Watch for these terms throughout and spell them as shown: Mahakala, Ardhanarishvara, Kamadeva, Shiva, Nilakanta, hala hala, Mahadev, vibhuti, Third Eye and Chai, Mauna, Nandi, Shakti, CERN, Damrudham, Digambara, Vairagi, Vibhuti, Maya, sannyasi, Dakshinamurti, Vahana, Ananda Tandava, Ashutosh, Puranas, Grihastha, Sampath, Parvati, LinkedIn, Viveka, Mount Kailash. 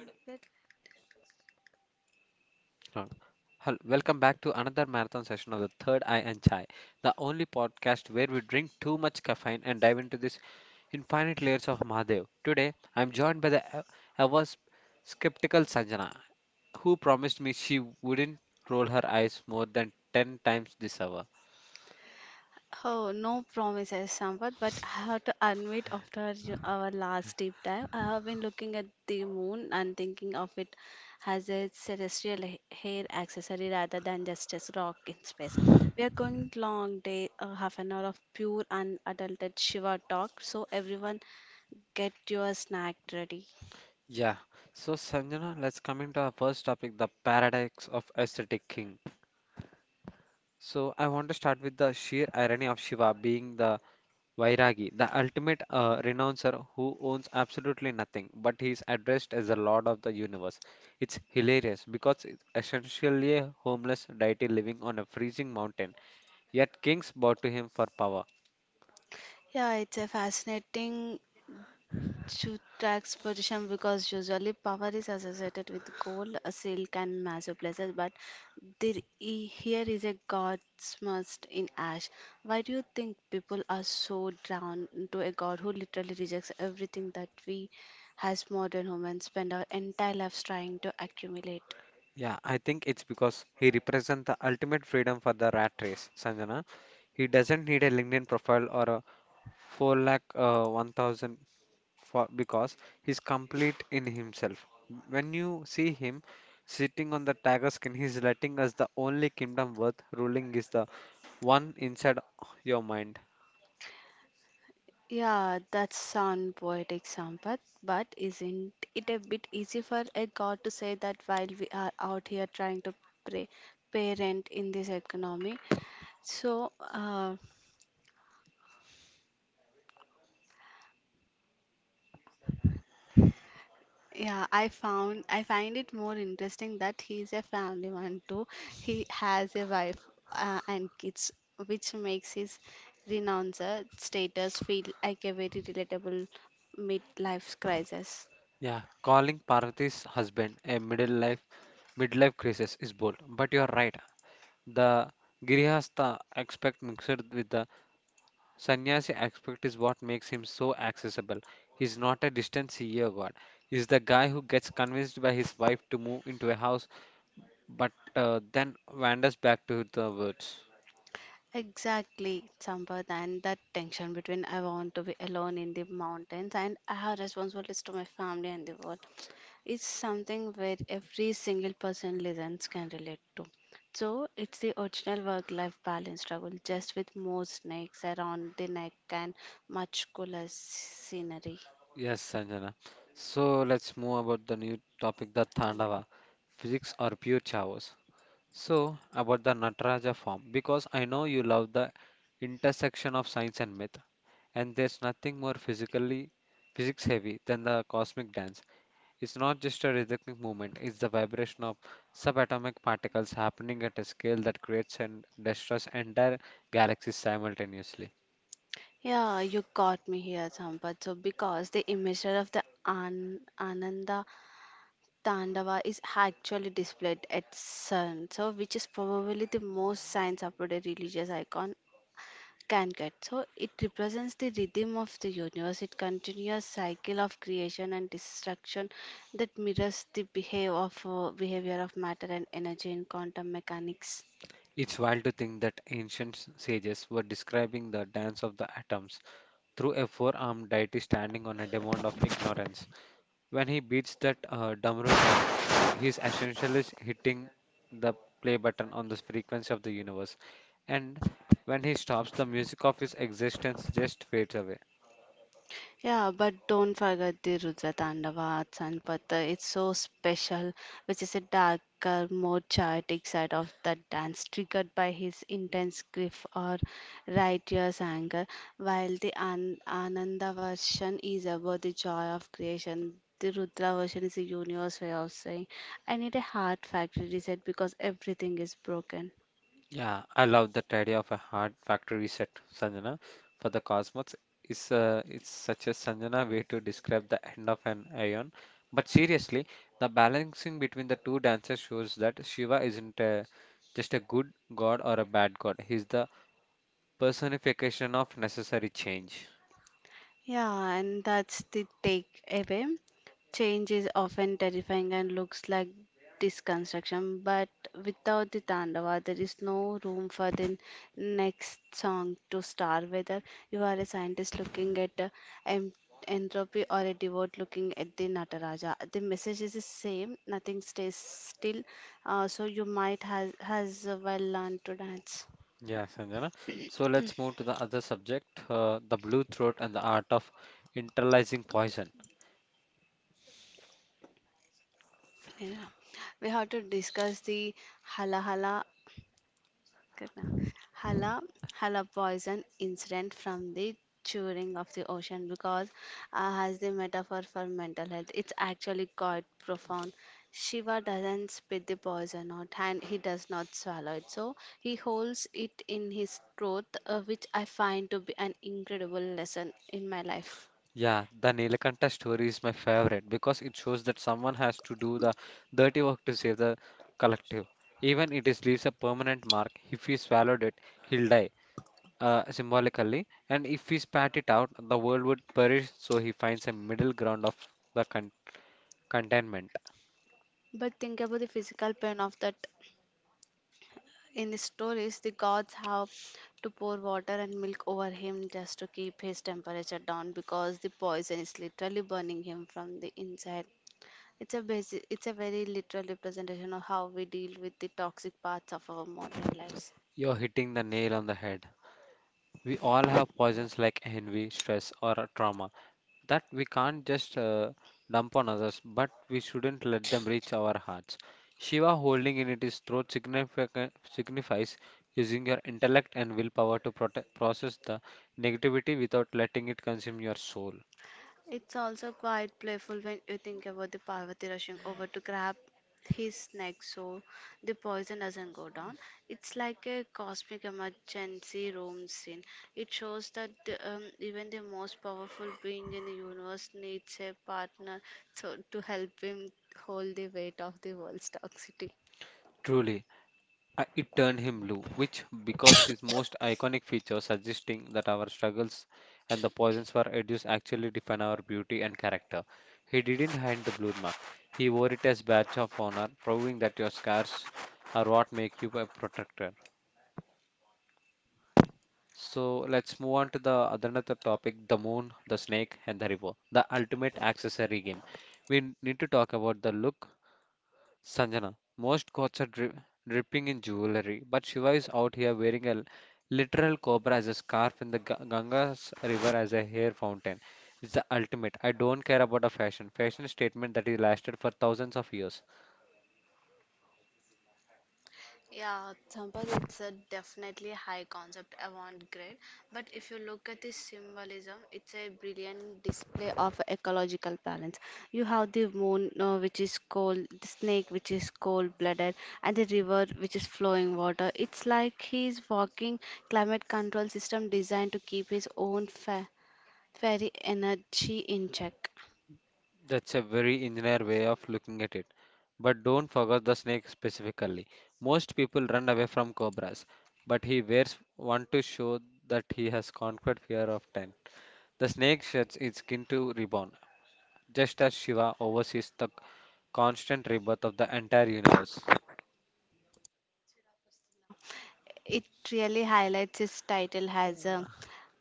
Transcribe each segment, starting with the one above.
That- Uh, Welcome back to another marathon session of the Third Eye and Chai, the only podcast where we drink too much caffeine and dive into this infinite layers of Mahadev. Today, I'm joined by the ever s- skeptical Sanjana, who promised me she wouldn't roll her eyes more than 10 times this hour. Oh, no promises, Sampath, but I have to admit after our last deep dive, I have been looking at the moon and thinking of it as a celestial hair accessory rather than just as rock in space. We are going long day, half an hour of pure unadulterated Shiva talk, so everyone get your snack ready. Yeah, so Sanjana, let's come into our first topic, the paradox of aesthetic king. So, I want to start with the sheer irony of Shiva being the Vairagi, the ultimate renouncer who owns absolutely nothing, but he is addressed as the Lord of the Universe. It's hilarious because it's essentially a homeless deity living on a freezing mountain, yet kings bow to him for power. Yeah, it's a fascinating to tax position because usually power is associated with gold, silk, and massive pleasures. But there, here is a god smashed in ash. Why do you think people are so drawn to a god who literally rejects everything that we, as modern humans, spend our entire lives trying to accumulate? Yeah, I think it's because he represents the ultimate freedom for the rat race, Sanjana. He doesn't need a LinkedIn profile or a 4 lakh 1,000 for because he's complete in himself. When you see him sitting on the tiger skin, he's letting us the only kingdom worth ruling is the one inside your mind. Yeah, that sound poetic, Sampath, but isn't it a bit easy for a god to say that while we are out here trying to pray, parent in this economy? So, uh, yeah, I find it more interesting that he's a family man too. He has a wife and kids, which makes his renouncer status feel like a very relatable midlife crisis. Yeah, calling Parvati's husband a middle life midlife crisis is bold, but you're right. The Grihastha aspect mixed with the sannyasi aspect is what makes him so accessible. He's not a distant CEO god. He's the guy who gets convinced by his wife to move into a house, but then wanders back to the words. Exactly, Sampath, and that tension between I want to be alone in the mountains and I have responsibilities to my family and the world is something where every single person listens can relate to. So it's the original work-life balance struggle, just with more snakes around the neck and much cooler scenery. Yes, Sanjana. So let's move about the new topic, the Thandava, physics or pure chaos. So about the Nataraja form, because I know you love the intersection of science and myth, and there's nothing more physically physics heavy than the cosmic dance. It's not just a rhythmic movement; it's the vibration of subatomic particles happening at a scale that creates and destroys entire galaxies simultaneously. Yeah, you got me here, Sampath. So because the image of the an Ananda Tandava is actually displayed at CERN, so which is probably the most science-supported religious icon can get. So it represents the rhythm of the universe, it continuous cycle of creation and destruction that mirrors the behave of, behavior of matter and energy in quantum mechanics. It's wild to think that ancient sages were describing the dance of the atoms through a four armed deity standing on a diamond of ignorance. When he beats that Damrudham, he's essentially hitting the play button on the frequency of the universe. And when he stops, the music of his existence just fades away. Yeah, but don't forget the Rudra Tandava at Sanpata. It's so special, which is a darker, more chaotic side of that dance, triggered by his intense grief or righteous anger, while the Ananda version is about the joy of creation. The Rudra version is a universe way of saying, I need a heart factory reset because everything is broken. Yeah, I love that idea of a hard factory reset, Sanjana. For the Cosmos, is it's such a Sanjana way to describe the end of an ion. But seriously, the balancing between the two dances shows that Shiva isn't just a good god or a bad god. He's the personification of necessary change. Yeah, and that's the takeaway. Change is often terrifying and looks like disconstruction, but without the Tandava, there is no room for the next song to star. Whether you are a scientist looking at en- entropy or a devote looking at the Nataraja, the message is the same. Nothing stays still. So you might has well learned to dance. Yeah, Sanjana. So let's move to the other subject, the blue throat and the art of internalizing poison. Yeah. We have to discuss the hala hala Good now. Hala, Hala poison incident from the churning of the ocean because has the metaphor for mental health. It's actually quite profound. Shiva doesn't spit the poison out and he does not swallow it. So he holds it in his throat, which I find to be an incredible lesson in my life. Yeah, the Nilakanta story is my favorite because it shows that someone has to do the dirty work to save the collective. Even it is leaves a permanent mark. If he swallowed it, he'll die, symbolically. And if he spat it out, the world would perish. So he finds a middle ground of the con- contentment. But think about the physical pain of that In the stories, the gods have to pour water and milk over him just to keep his temperature down because the poison is literally burning him from the inside. It's a basic, it's a very literal representation of how we deal with the toxic parts of our modern lives. You're hitting the nail on the head. We all have poisons like envy, stress, or a trauma that we can't just dump on others, but we shouldn't let them reach our hearts. Shiva holding in its throat signifies using your intellect and willpower to process the negativity without letting it consume your soul. It's also quite playful when you think about the Parvati rushing over to grab his neck so the poison doesn't go down. It's like a cosmic emergency room scene. It shows that even the most powerful being in the universe needs a partner to help him hold the weight of the world's toxicity. Truly. It turned him blue, which, because his most iconic feature suggesting that our struggles and the poisons for reduced actually define our beauty and character. He didn't hide the blue mark. He wore it as badge of honor, proving that your scars are what make you a protector. So let's move on to the other another topic: the moon, the snake, and the river. The ultimate accessory game. We need to talk about the look, Sanjana. Most gods are dripping in jewelry, but Shiva is out here wearing a literal cobra as a scarf in the Ganga's river as a hair fountain. It's the ultimate I don't care about a fashion. Fashion statement that is lasted for thousands of years. Yeah, Sampath, it's a definitely high concept avant-garde, but if you look at the symbolism, it's a brilliant display of ecological balance. You have the moon, which is cold, the snake, which is cold-blooded, and the river, which is flowing water. It's like he's walking climate control system designed to keep his own fa fairy energy in check. That's a very engineer way of looking at it. But don't forget the snake specifically. Most people run away from cobras, but he wears one to show that he has conquered fear of time. The snake sheds its skin to reborn, just as Shiva oversees the constant rebirth of the entire universe. It really highlights his title as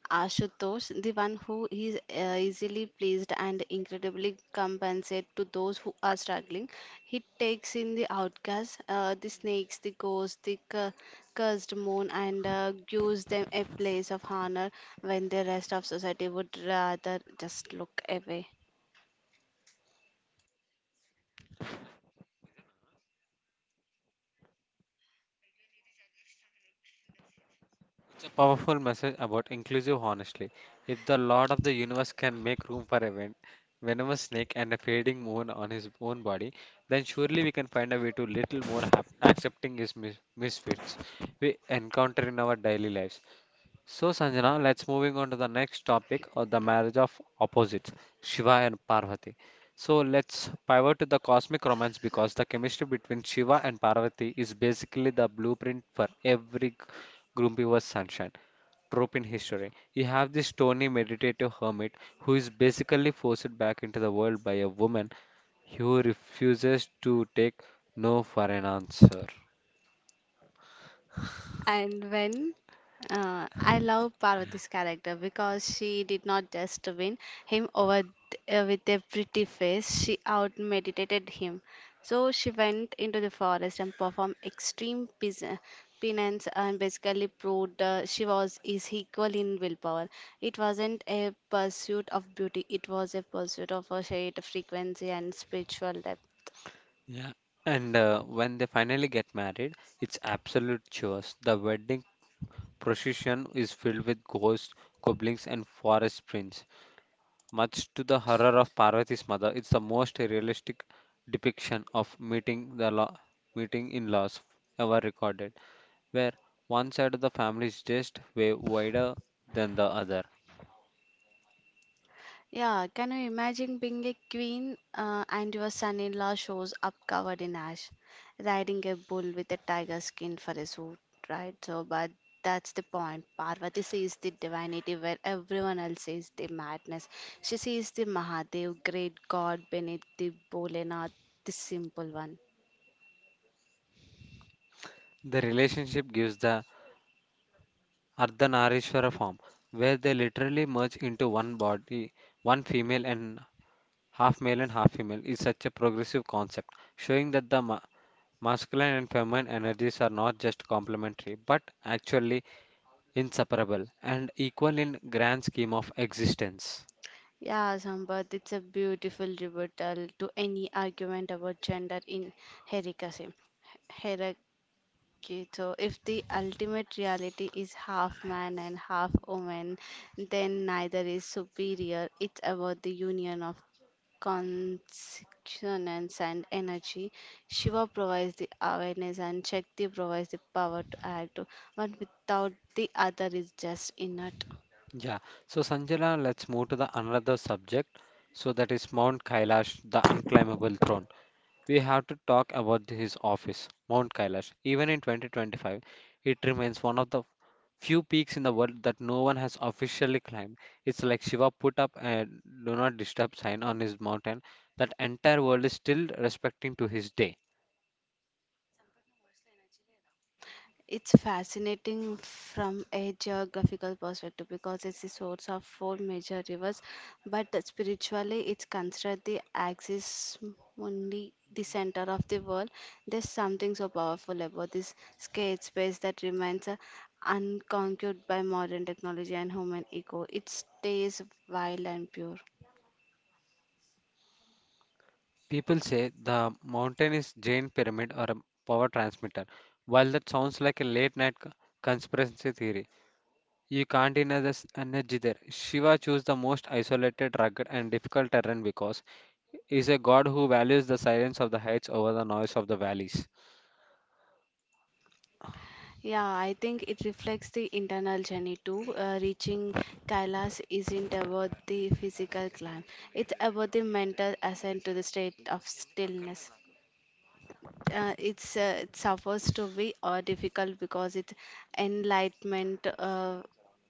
Ashutosh, the one who is easily pleased and incredibly compensate to those who are struggling. He takes in the outcasts, the snakes, the ghosts, the cursed moon, and gives them a place of honor when the rest of society would rather just look away. It's a powerful message about inclusive honesty. If the Lord of the universe can make room for a venomous snake and a fading moon on his own body, then surely we can find a way to little more accepting his misfits we encounter in our daily lives. So Sanjana, let's moving on to the next topic of the marriage of opposites, Shiva and Parvati. So let's pivot to the cosmic romance because the chemistry between Shiva and Parvati is basically the blueprint for every grumpy was sunshine trope in history. You have this stony meditative hermit who is basically forced back into the world by a woman who refuses to take no for an answer. And when I love Parvati's character because she did not just win him over with a pretty face, she out meditated him. So she went into the forest and performed extreme penance and basically proved she was is equal in willpower. It wasn't a pursuit of beauty, it was a pursuit of a shared frequency and spiritual depth. Yeah. And when they finally get married, it's absolute chaos. The wedding procession is filled with ghosts, goblins, and forest prints. Much to the horror of Parvati's mother, it's the most realistic depiction of meeting in laws ever recorded, where one side of the family is just way wider than the other. Yeah, can you imagine being a queen and your son-in-law shows up covered in ash, riding a bull with a tiger skin for a suit, right? So, but that's the point. Parvati sees the divinity where everyone else sees the madness. She sees the Mahadev, great god beneath the Bholenath, the simple one. The relationship gives the Ardhanarishvara form, where they literally merge into one body, one female and half male and half female, is such a progressive concept, showing that the masculine and feminine energies are not just complementary but actually inseparable and equal in grand scheme of existence. Yeah, Sampath, it's a beautiful rebuttal to any argument about gender in Herikasi. Okay, so if the ultimate reality is half man and half woman, then neither is superior. It's about the union of consciousness and energy. Shiva provides the awareness and Shakti provides the power to act, one without the other is just inert. Yeah, so Sanjana, let's move to the another subject. So that is Mount Kailash, the unclimbable throne. We have to talk about his office, Mount Kailash. Even in 2025, it remains one of the few peaks in the world that no one has officially climbed. It's like Shiva put up a do not disturb sign on his mountain that entire world is still respecting to his day. It's fascinating from a geographical perspective because it's the source of four major rivers, but spiritually, it's considered the axis mundi, the center of the world. There's something so powerful about this scared space that remains unconquered by modern technology and human ego. It stays wild and pure. People say the mountain is Jain pyramid or a power transmitter. While that sounds like a late night conspiracy theory, you can't deny this energy there. Shiva chose the most isolated, rugged, and difficult terrain because is a God who values the silence of the heights over the noise of the valleys. Yeah, I think it reflects the internal journey too. Reaching Kailas isn't about the physical climb, it's about the mental ascent to the state of stillness. It suffers to be difficult because it's enlightenment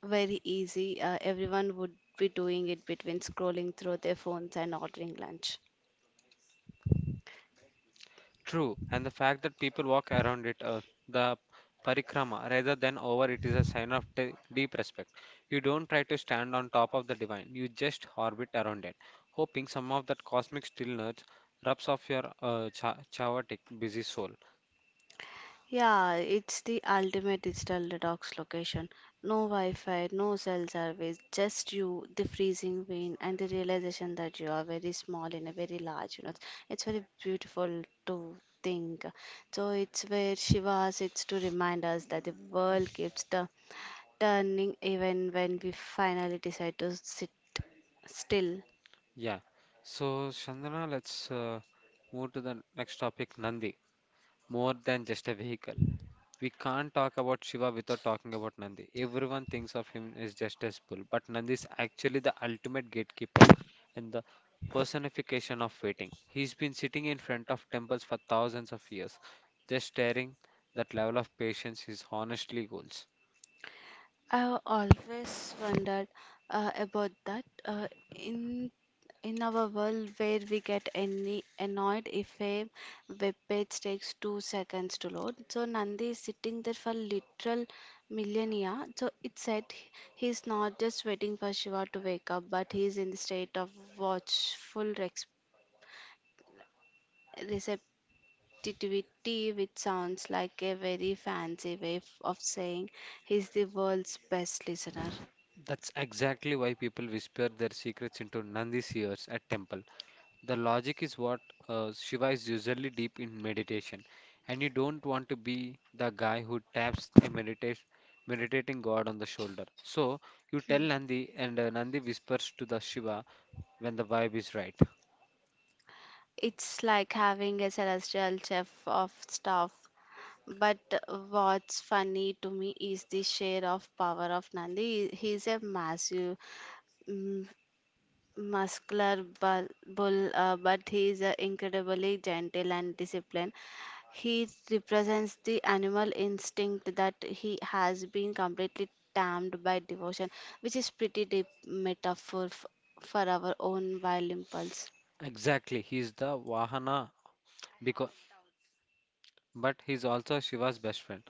very easy. Everyone would be doing it between scrolling through their phones and ordering lunch. True, and the fact that people walk around it, the parikrama, rather than over it, is a sign of deep respect. You don't try to stand on top of the divine, you just orbit around it, hoping some of that cosmic stillness rubs off your chaotic, busy soul. Yeah, it's the ultimate digital detox location. No Wi Fi, no cell service, just you, the freezing wind, and the realization that you are very small in a very large universe. It's very beautiful to think. So, it's where Shiva sits to remind us that the world keeps turning even when we finally decide to sit still. Yeah. So, Chandana, let's move to the next topic, Nandi, more than just a vehicle. We can't talk about Shiva without talking about Nandi. Everyone thinks of him as just as bull, but Nandi is actually the ultimate gatekeeper and the personification of waiting. He's been sitting in front of temples for thousands of years, just staring. That level of patience is honestly goals. I've always wondered about that. In in our world where we get any annoyed if a web page takes 2 seconds to load, so Nandi is sitting there for literal millennia. So it said he's not just waiting for Shiva to wake up, but he's in the state of watchful receptivity, which sounds like a very fancy way of saying he's the world's best listener. That's exactly why people whisper their secrets into Nandi's ears at temple. The logic is what Shiva is usually deep in meditation, and you don't want to be the guy who taps a meditation meditating god on the shoulder. So you tell Nandi, and Nandi whispers to the Shiva when the vibe is right. It's like having a celestial chef of staff. But what's funny to me is the share of power of Nandi. He's a massive, mm, muscular bull, but he's incredibly gentle and disciplined. He represents the animal instinct that he has been completely tamed by devotion, which is pretty deep metaphor for our own wild impulse. Exactly, he is the Vahana, because but he's also Shiva's best friend.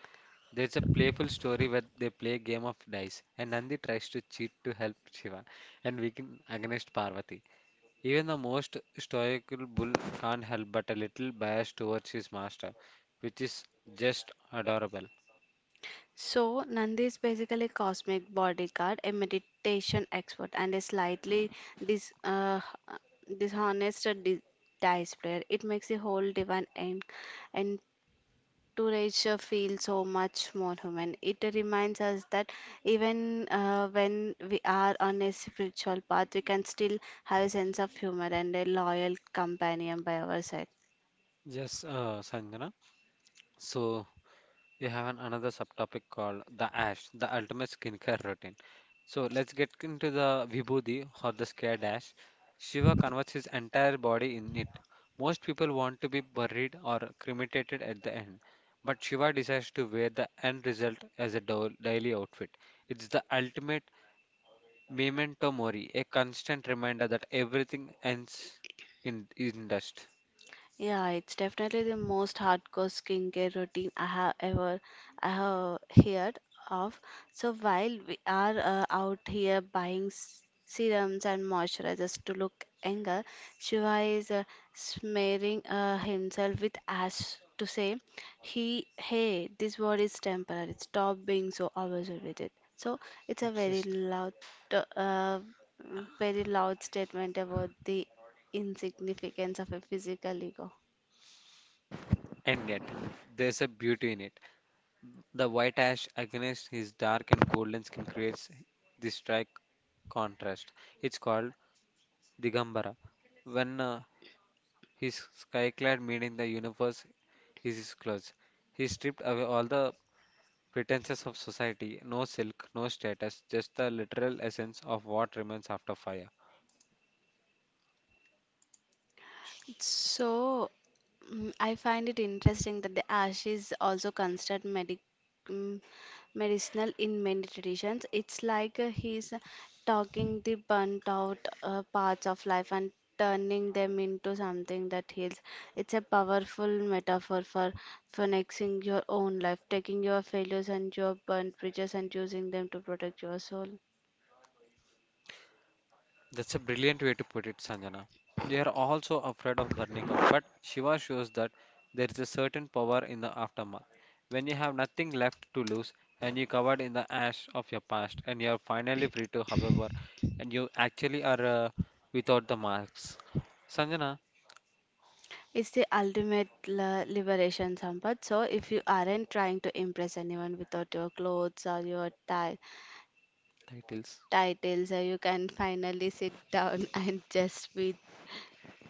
There's a playful story where they play a game of dice, and Nandi tries to cheat to help Shiva and weaken against Parvati. Even the most stoical bull can't help but a little bias towards his master, which is just adorable. So, Nandi is basically a cosmic bodyguard, a meditation expert, and a slightly dis, uh, dishonest dice player. It makes the whole divine entourage feel so much more human. It reminds us that even when we are on a spiritual path, we can still have a sense of humor and a loyal companion by our side. Yes, Sanjana. So we have another subtopic called the ash, the ultimate skincare routine. So let's get into the vibhuti or the scared ash. Shiva converts his entire body in it. Most people want to be buried or cremated at the end, but Shiva decides to wear the end result as a daily outfit. It's the ultimate Memento mori, a constant reminder that everything ends in dust. Yeah, it's definitely the most hardcore skincare routine I have heard of. So while we are out here buying serums and moisturizers to look younger, Shiva is smearing himself with ash to say, " hey, this war is temporary. Stop being so obsessed with it." So it's a Obsessed. Uh, very loud statement about the insignificance of a physical ego. And yet, there's a beauty in it. The white ash against his dark and golden skin creates this stark contrast. It's called Digambara. When his sky-clad, meaning the universe is his clothes, he stripped away all the pretenses of society, no silk, no status, just the literal essence of what remains after fire. So, I find it interesting that the ash is also considered mm, medicinal in many traditions. It's like he's talking the burnt out parts of life and turning them into something that heals. It's a powerful metaphor for phoenixing your own life, taking your failures and your burnt bridges and using them to protect your soul. That's a brilliant way to put it, Sanjana. They are also afraid of burning out, but Shiva shows that there is a certain power in the aftermath. When you have nothing left to lose and you're covered in the ash of your past, and you're finally free to, however, and you actually are without the marks. Sanjana, It's the ultimate liberation, Sampath. So if you aren't trying to impress anyone without your clothes or your titles. You can finally sit down and just be.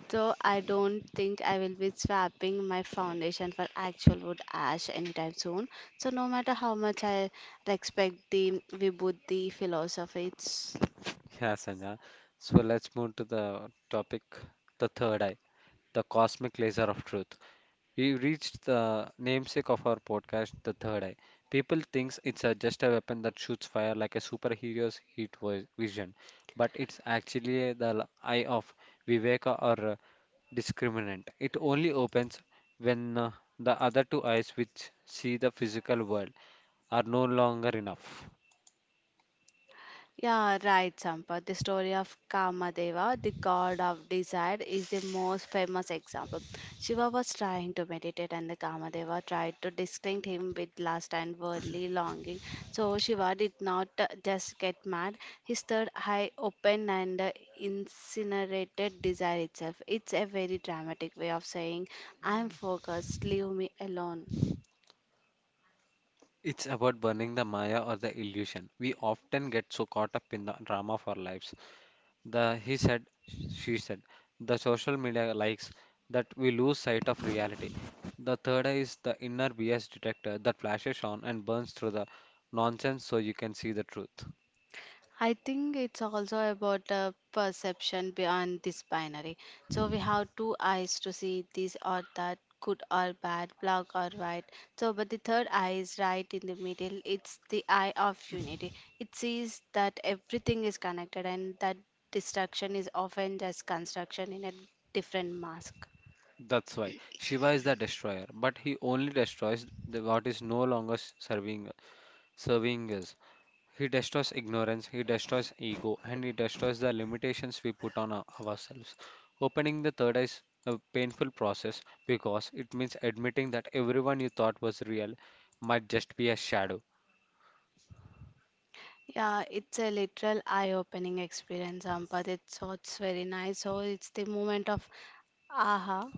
So I don't think I will be swapping my foundation for actual wood ash anytime soon. So no matter how much I respect the Vibhuti philosophy, it's Yeah, Sanjana. So let's move to the topic, the third eye, the cosmic laser of truth. We reached the namesake of our podcast, The Third Eye. People thinks it's just a weapon that shoots fire like a superhero's heat vision, but it's actually the eye of Viveka or discriminant. It only opens when the other two eyes, which see the physical world, are no longer enough. Yeah, right, Sampath. The story of Kamadeva, the god of desire, is the most famous example. Shiva was trying to meditate, and the Kamadeva tried to distract him with lust and worldly longing. So Shiva did not just get mad; his third eye opened and incinerated desire itself. It's a very dramatic way of saying, "I'm focused. Leave me alone." It's about burning the Maya or the illusion. We often get so caught up in the drama of our lives. The he said, she said, the social media likes that we lose sight of reality. The third eye is the inner BS detector that flashes on and burns through the nonsense so you can see the truth. I think it's also about perception beyond this binary. So we have two eyes to see this or that, good or bad, black or white. But the third eye is right in the middle. It's the eye of unity. It sees that everything is connected and that destruction is often just construction in a different mask. That's why Shiva is the destroyer, but he only destroys what is no longer serving us. He destroys ignorance, he destroys ego, and he destroys the limitations we put on ourselves. Opening the third eye is a painful process because it means admitting that everyone you thought was real might just be a shadow. Yeah, it's a literal eye-opening experience, Ampat. It's very nice. So it's the moment of aha,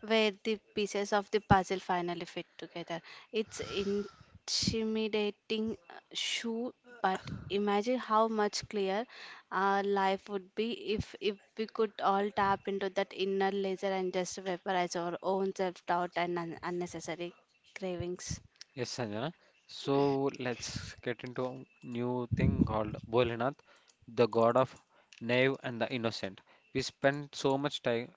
where the pieces of the puzzle finally fit together. It's intimidating, shoe, but imagine how much clearer our life would be if we could all tap into that inner laser and just vaporize our own self-doubt and un unnecessary cravings. Yes, Sanjana. So let's get into a new thing called Bholenath, the god of naive and the innocent. We spend so much time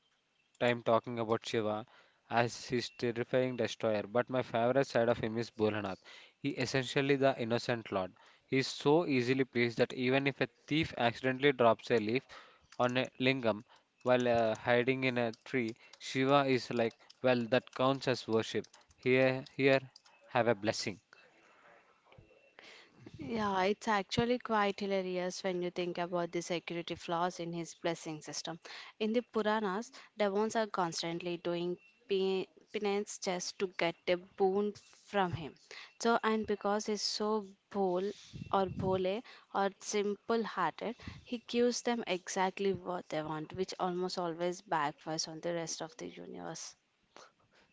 time talking about Shiva as his terrifying destroyer, but my favorite side of him is Bholanath. He essentially the innocent lord. He is so easily pleased that even if a thief accidentally drops a leaf on a lingam while hiding in a tree, Shiva is like, well, that counts as worship. Here, here, have a blessing. Yeah, it's actually quite hilarious when you think about the security flaws in his blessing system. In the Puranas, devons are constantly doing pe- penance just to get a boon from him. And because he's so bold or bole or simple hearted, he gives them exactly what they want, which almost always backfires on the rest of the universe.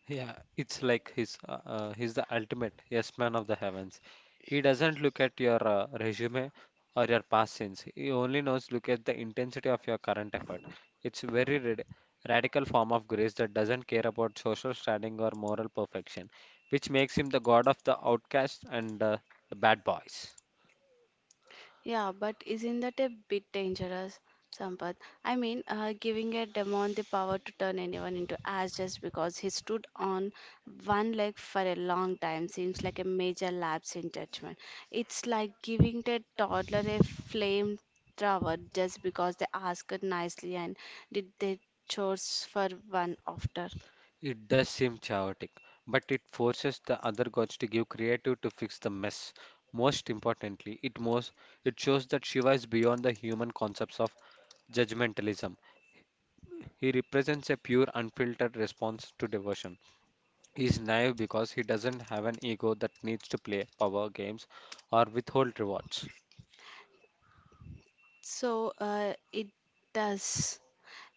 Yeah, it's like he's the ultimate yes man of the heavens. He doesn't look at your resume or your past sins. He only knows look at the intensity of your current effort. It's very radical form of grace that doesn't care about social standing or moral perfection, which makes him the god of the outcasts and the bad boys. Yeah, but isn't that a bit dangerous, Sampath? I mean, giving a demon the power to turn anyone into ash just because he stood on one leg for a long time seems like a major lapse in judgment. It's like giving the toddler a flame flower just because they asked nicely and did their chores for one after. It does seem chaotic, but it forces the other gods to give creative to fix the mess. Most importantly, it shows that Shiva is beyond the human concepts of judgmentalism. He represents a pure, unfiltered response to devotion. He is naive because he doesn't have an ego that needs to play power games or withhold rewards. So, it does.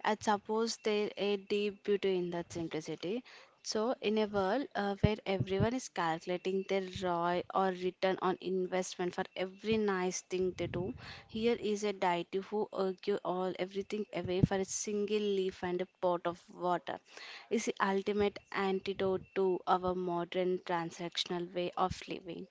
I suppose there a deep beauty in that simplicity. So, in a world where everyone is calculating their ROI or return on investment for every nice thing they do, here is a deity who argue all everything away for a single leaf and a pot of water. Is the ultimate antidote to our modern transactional way of living.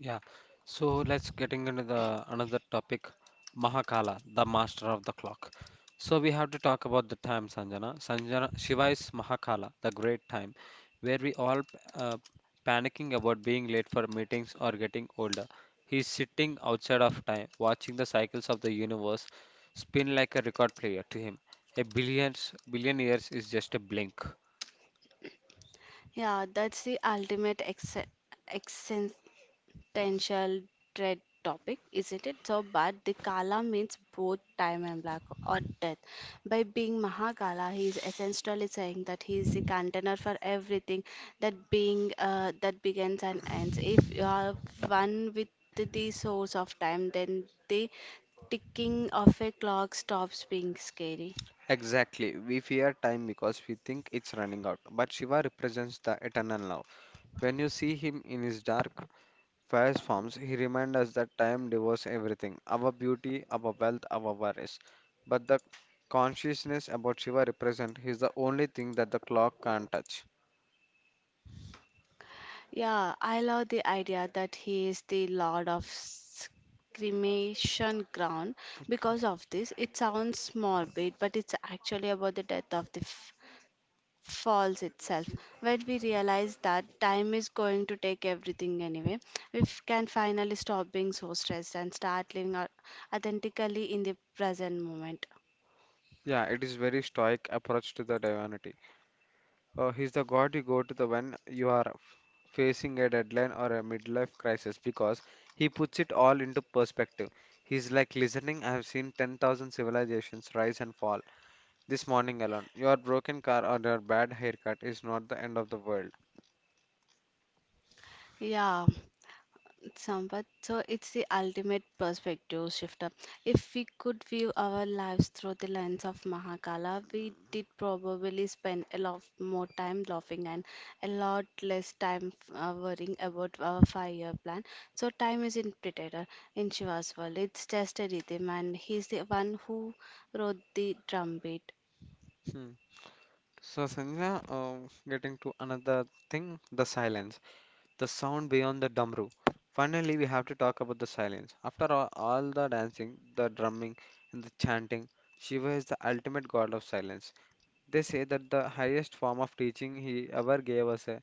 Yeah. So let's getting into the another topic, Mahakala, the master of the clock. So we have to talk about the time, Sanjana. Sanjana, Shiva is Mahakala, the great time, where we all uh, panicking about being late for meetings or getting older. He's sitting outside of time, watching the cycles of the universe spin like a record player to him. A billions billion years is just a blink. Yeah, that's the ultimate potential dread topic, isn't it? But the Kala means both time and black or death. By being Mahakala, he is essentially saying that he is the container for everything that begins and ends. If you are one with the source of time, then the ticking of a clock stops being scary. Exactly. We fear time because we think it's running out, but Shiva represents the eternal now. When you see him in his dark, fierce forms, he reminds us that time devours everything our beauty, our wealth, our worries. But the consciousness about Shiva represent is the only thing that the clock can't touch. Yeah, I love the idea that he is the lord of cremation ground. Because Okay. of this, it sounds morbid, but it's actually about the death of the falls itself. When we realize that time is going to take everything anyway, can finally stop being so stressed and start living authentically in the present moment. Yeah, it is very stoic approach to the divinity. He's the god you go to the when you are facing a deadline or a midlife crisis because he puts it all into perspective. He's like listening. I have seen 10,000 civilizations rise and fall, this morning alone, your broken car or your bad haircut is not the end of the world. Yeah, somewhat, so it's the ultimate perspective shifter. If we could view our lives through the lens of Mahakala, we did probably spend a lot more time laughing and a lot less time worrying about our five-year plan. So time isn't pretender in Shiva's world. It's just a rhythm, and he's the one who wrote the drumbeat. Hmm. So, Sanjana, getting to another thing, the silence, the sound beyond the drum room. Finally, we have to talk about the silence. After all the dancing, the drumming, and the chanting, Shiva is the ultimate god of silence. They say that the highest form of teaching he ever gave was a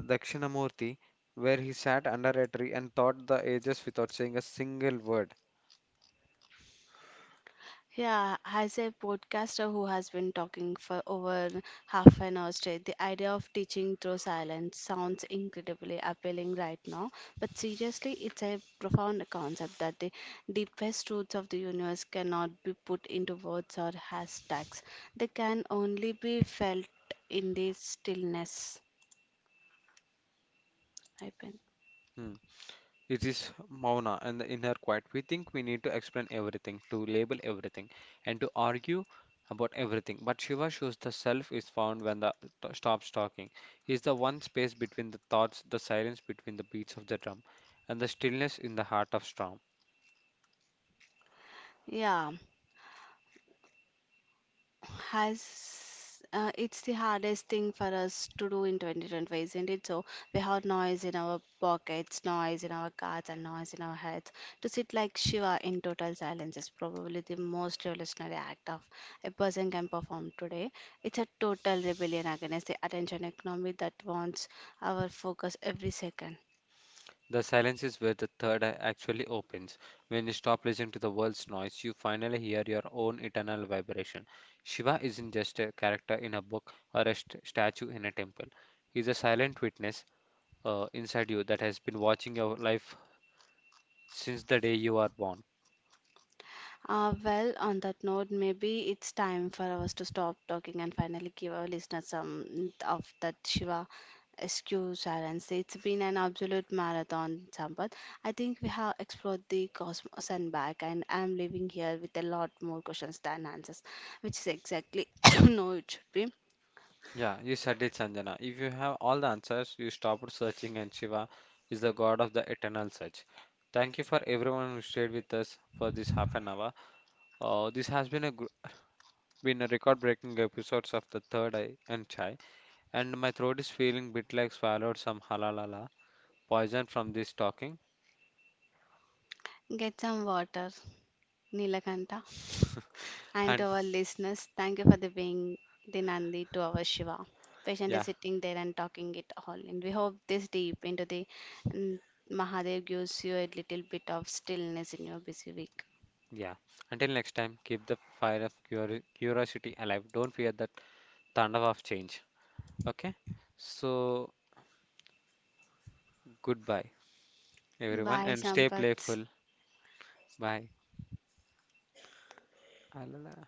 Dakshinamurti, where he sat under a tree and taught the ages without saying a single word. Yeah, as a podcaster who has been talking for over half an hour straight, the idea of teaching through silence sounds incredibly appealing right now. But seriously, it's a profound concept that the deepest truths of the universe cannot be put into words or hashtags. They can only be felt in the stillness. I think. Hmm. It is Mauna, and in her quiet, we think we need to explain everything, to label everything, and to argue about everything. But Shiva shows the self is found when the stops talking. He is the one space between the thoughts, the silence between the beats of the drum, and the stillness in the heart of storm. Yeah, has it's the hardest thing for us to do in 2025, isn't it? So we have noise in our pockets, noise in our cars, and noise in our heads. To sit like Shiva in total silence is probably the most revolutionary act of a person can perform today. It's a total rebellion against the attention economy that wants our focus every second. The silence is where the third eye actually opens. When you stop listening to the world's noise, you finally hear your own eternal vibration. Shiva isn't just a character in a book or a statue in a temple. He is a silent witness inside you that has been watching your life since the day you are born. Well, on that note, maybe it's time for us to stop talking and finally give our listeners some of that Shiva SQ silence. It's been an absolute marathon, Sampath. I think we have explored the cosmos and back, and I'm leaving here with a lot more questions than answers, which is exactly no, it should be. Yeah, you said it, Sanjana. If you have all the answers, you stop searching, and Shiva is the god of the eternal search. Thank you for everyone who stayed with us for this half an hour. This has been a been a record-breaking episodes of the Third Eye and Chai, and my throat is feeling bit like swallowed some halalala poison from this talking. Get some water, Nilakanta. And And to our listeners, thank you for the being the Nandi to our Shiva. Patiently yeah. sitting there and talking it all. And we hope this deep into the mm, Mahadev gives you a little bit of stillness in your busy week. Yeah. Until next time, keep the fire of curiosity alive. Don't fear that thunder of change. Okay? So, goodbye, everyone, Bye, and stay Sampath. playful. Bye. Alala.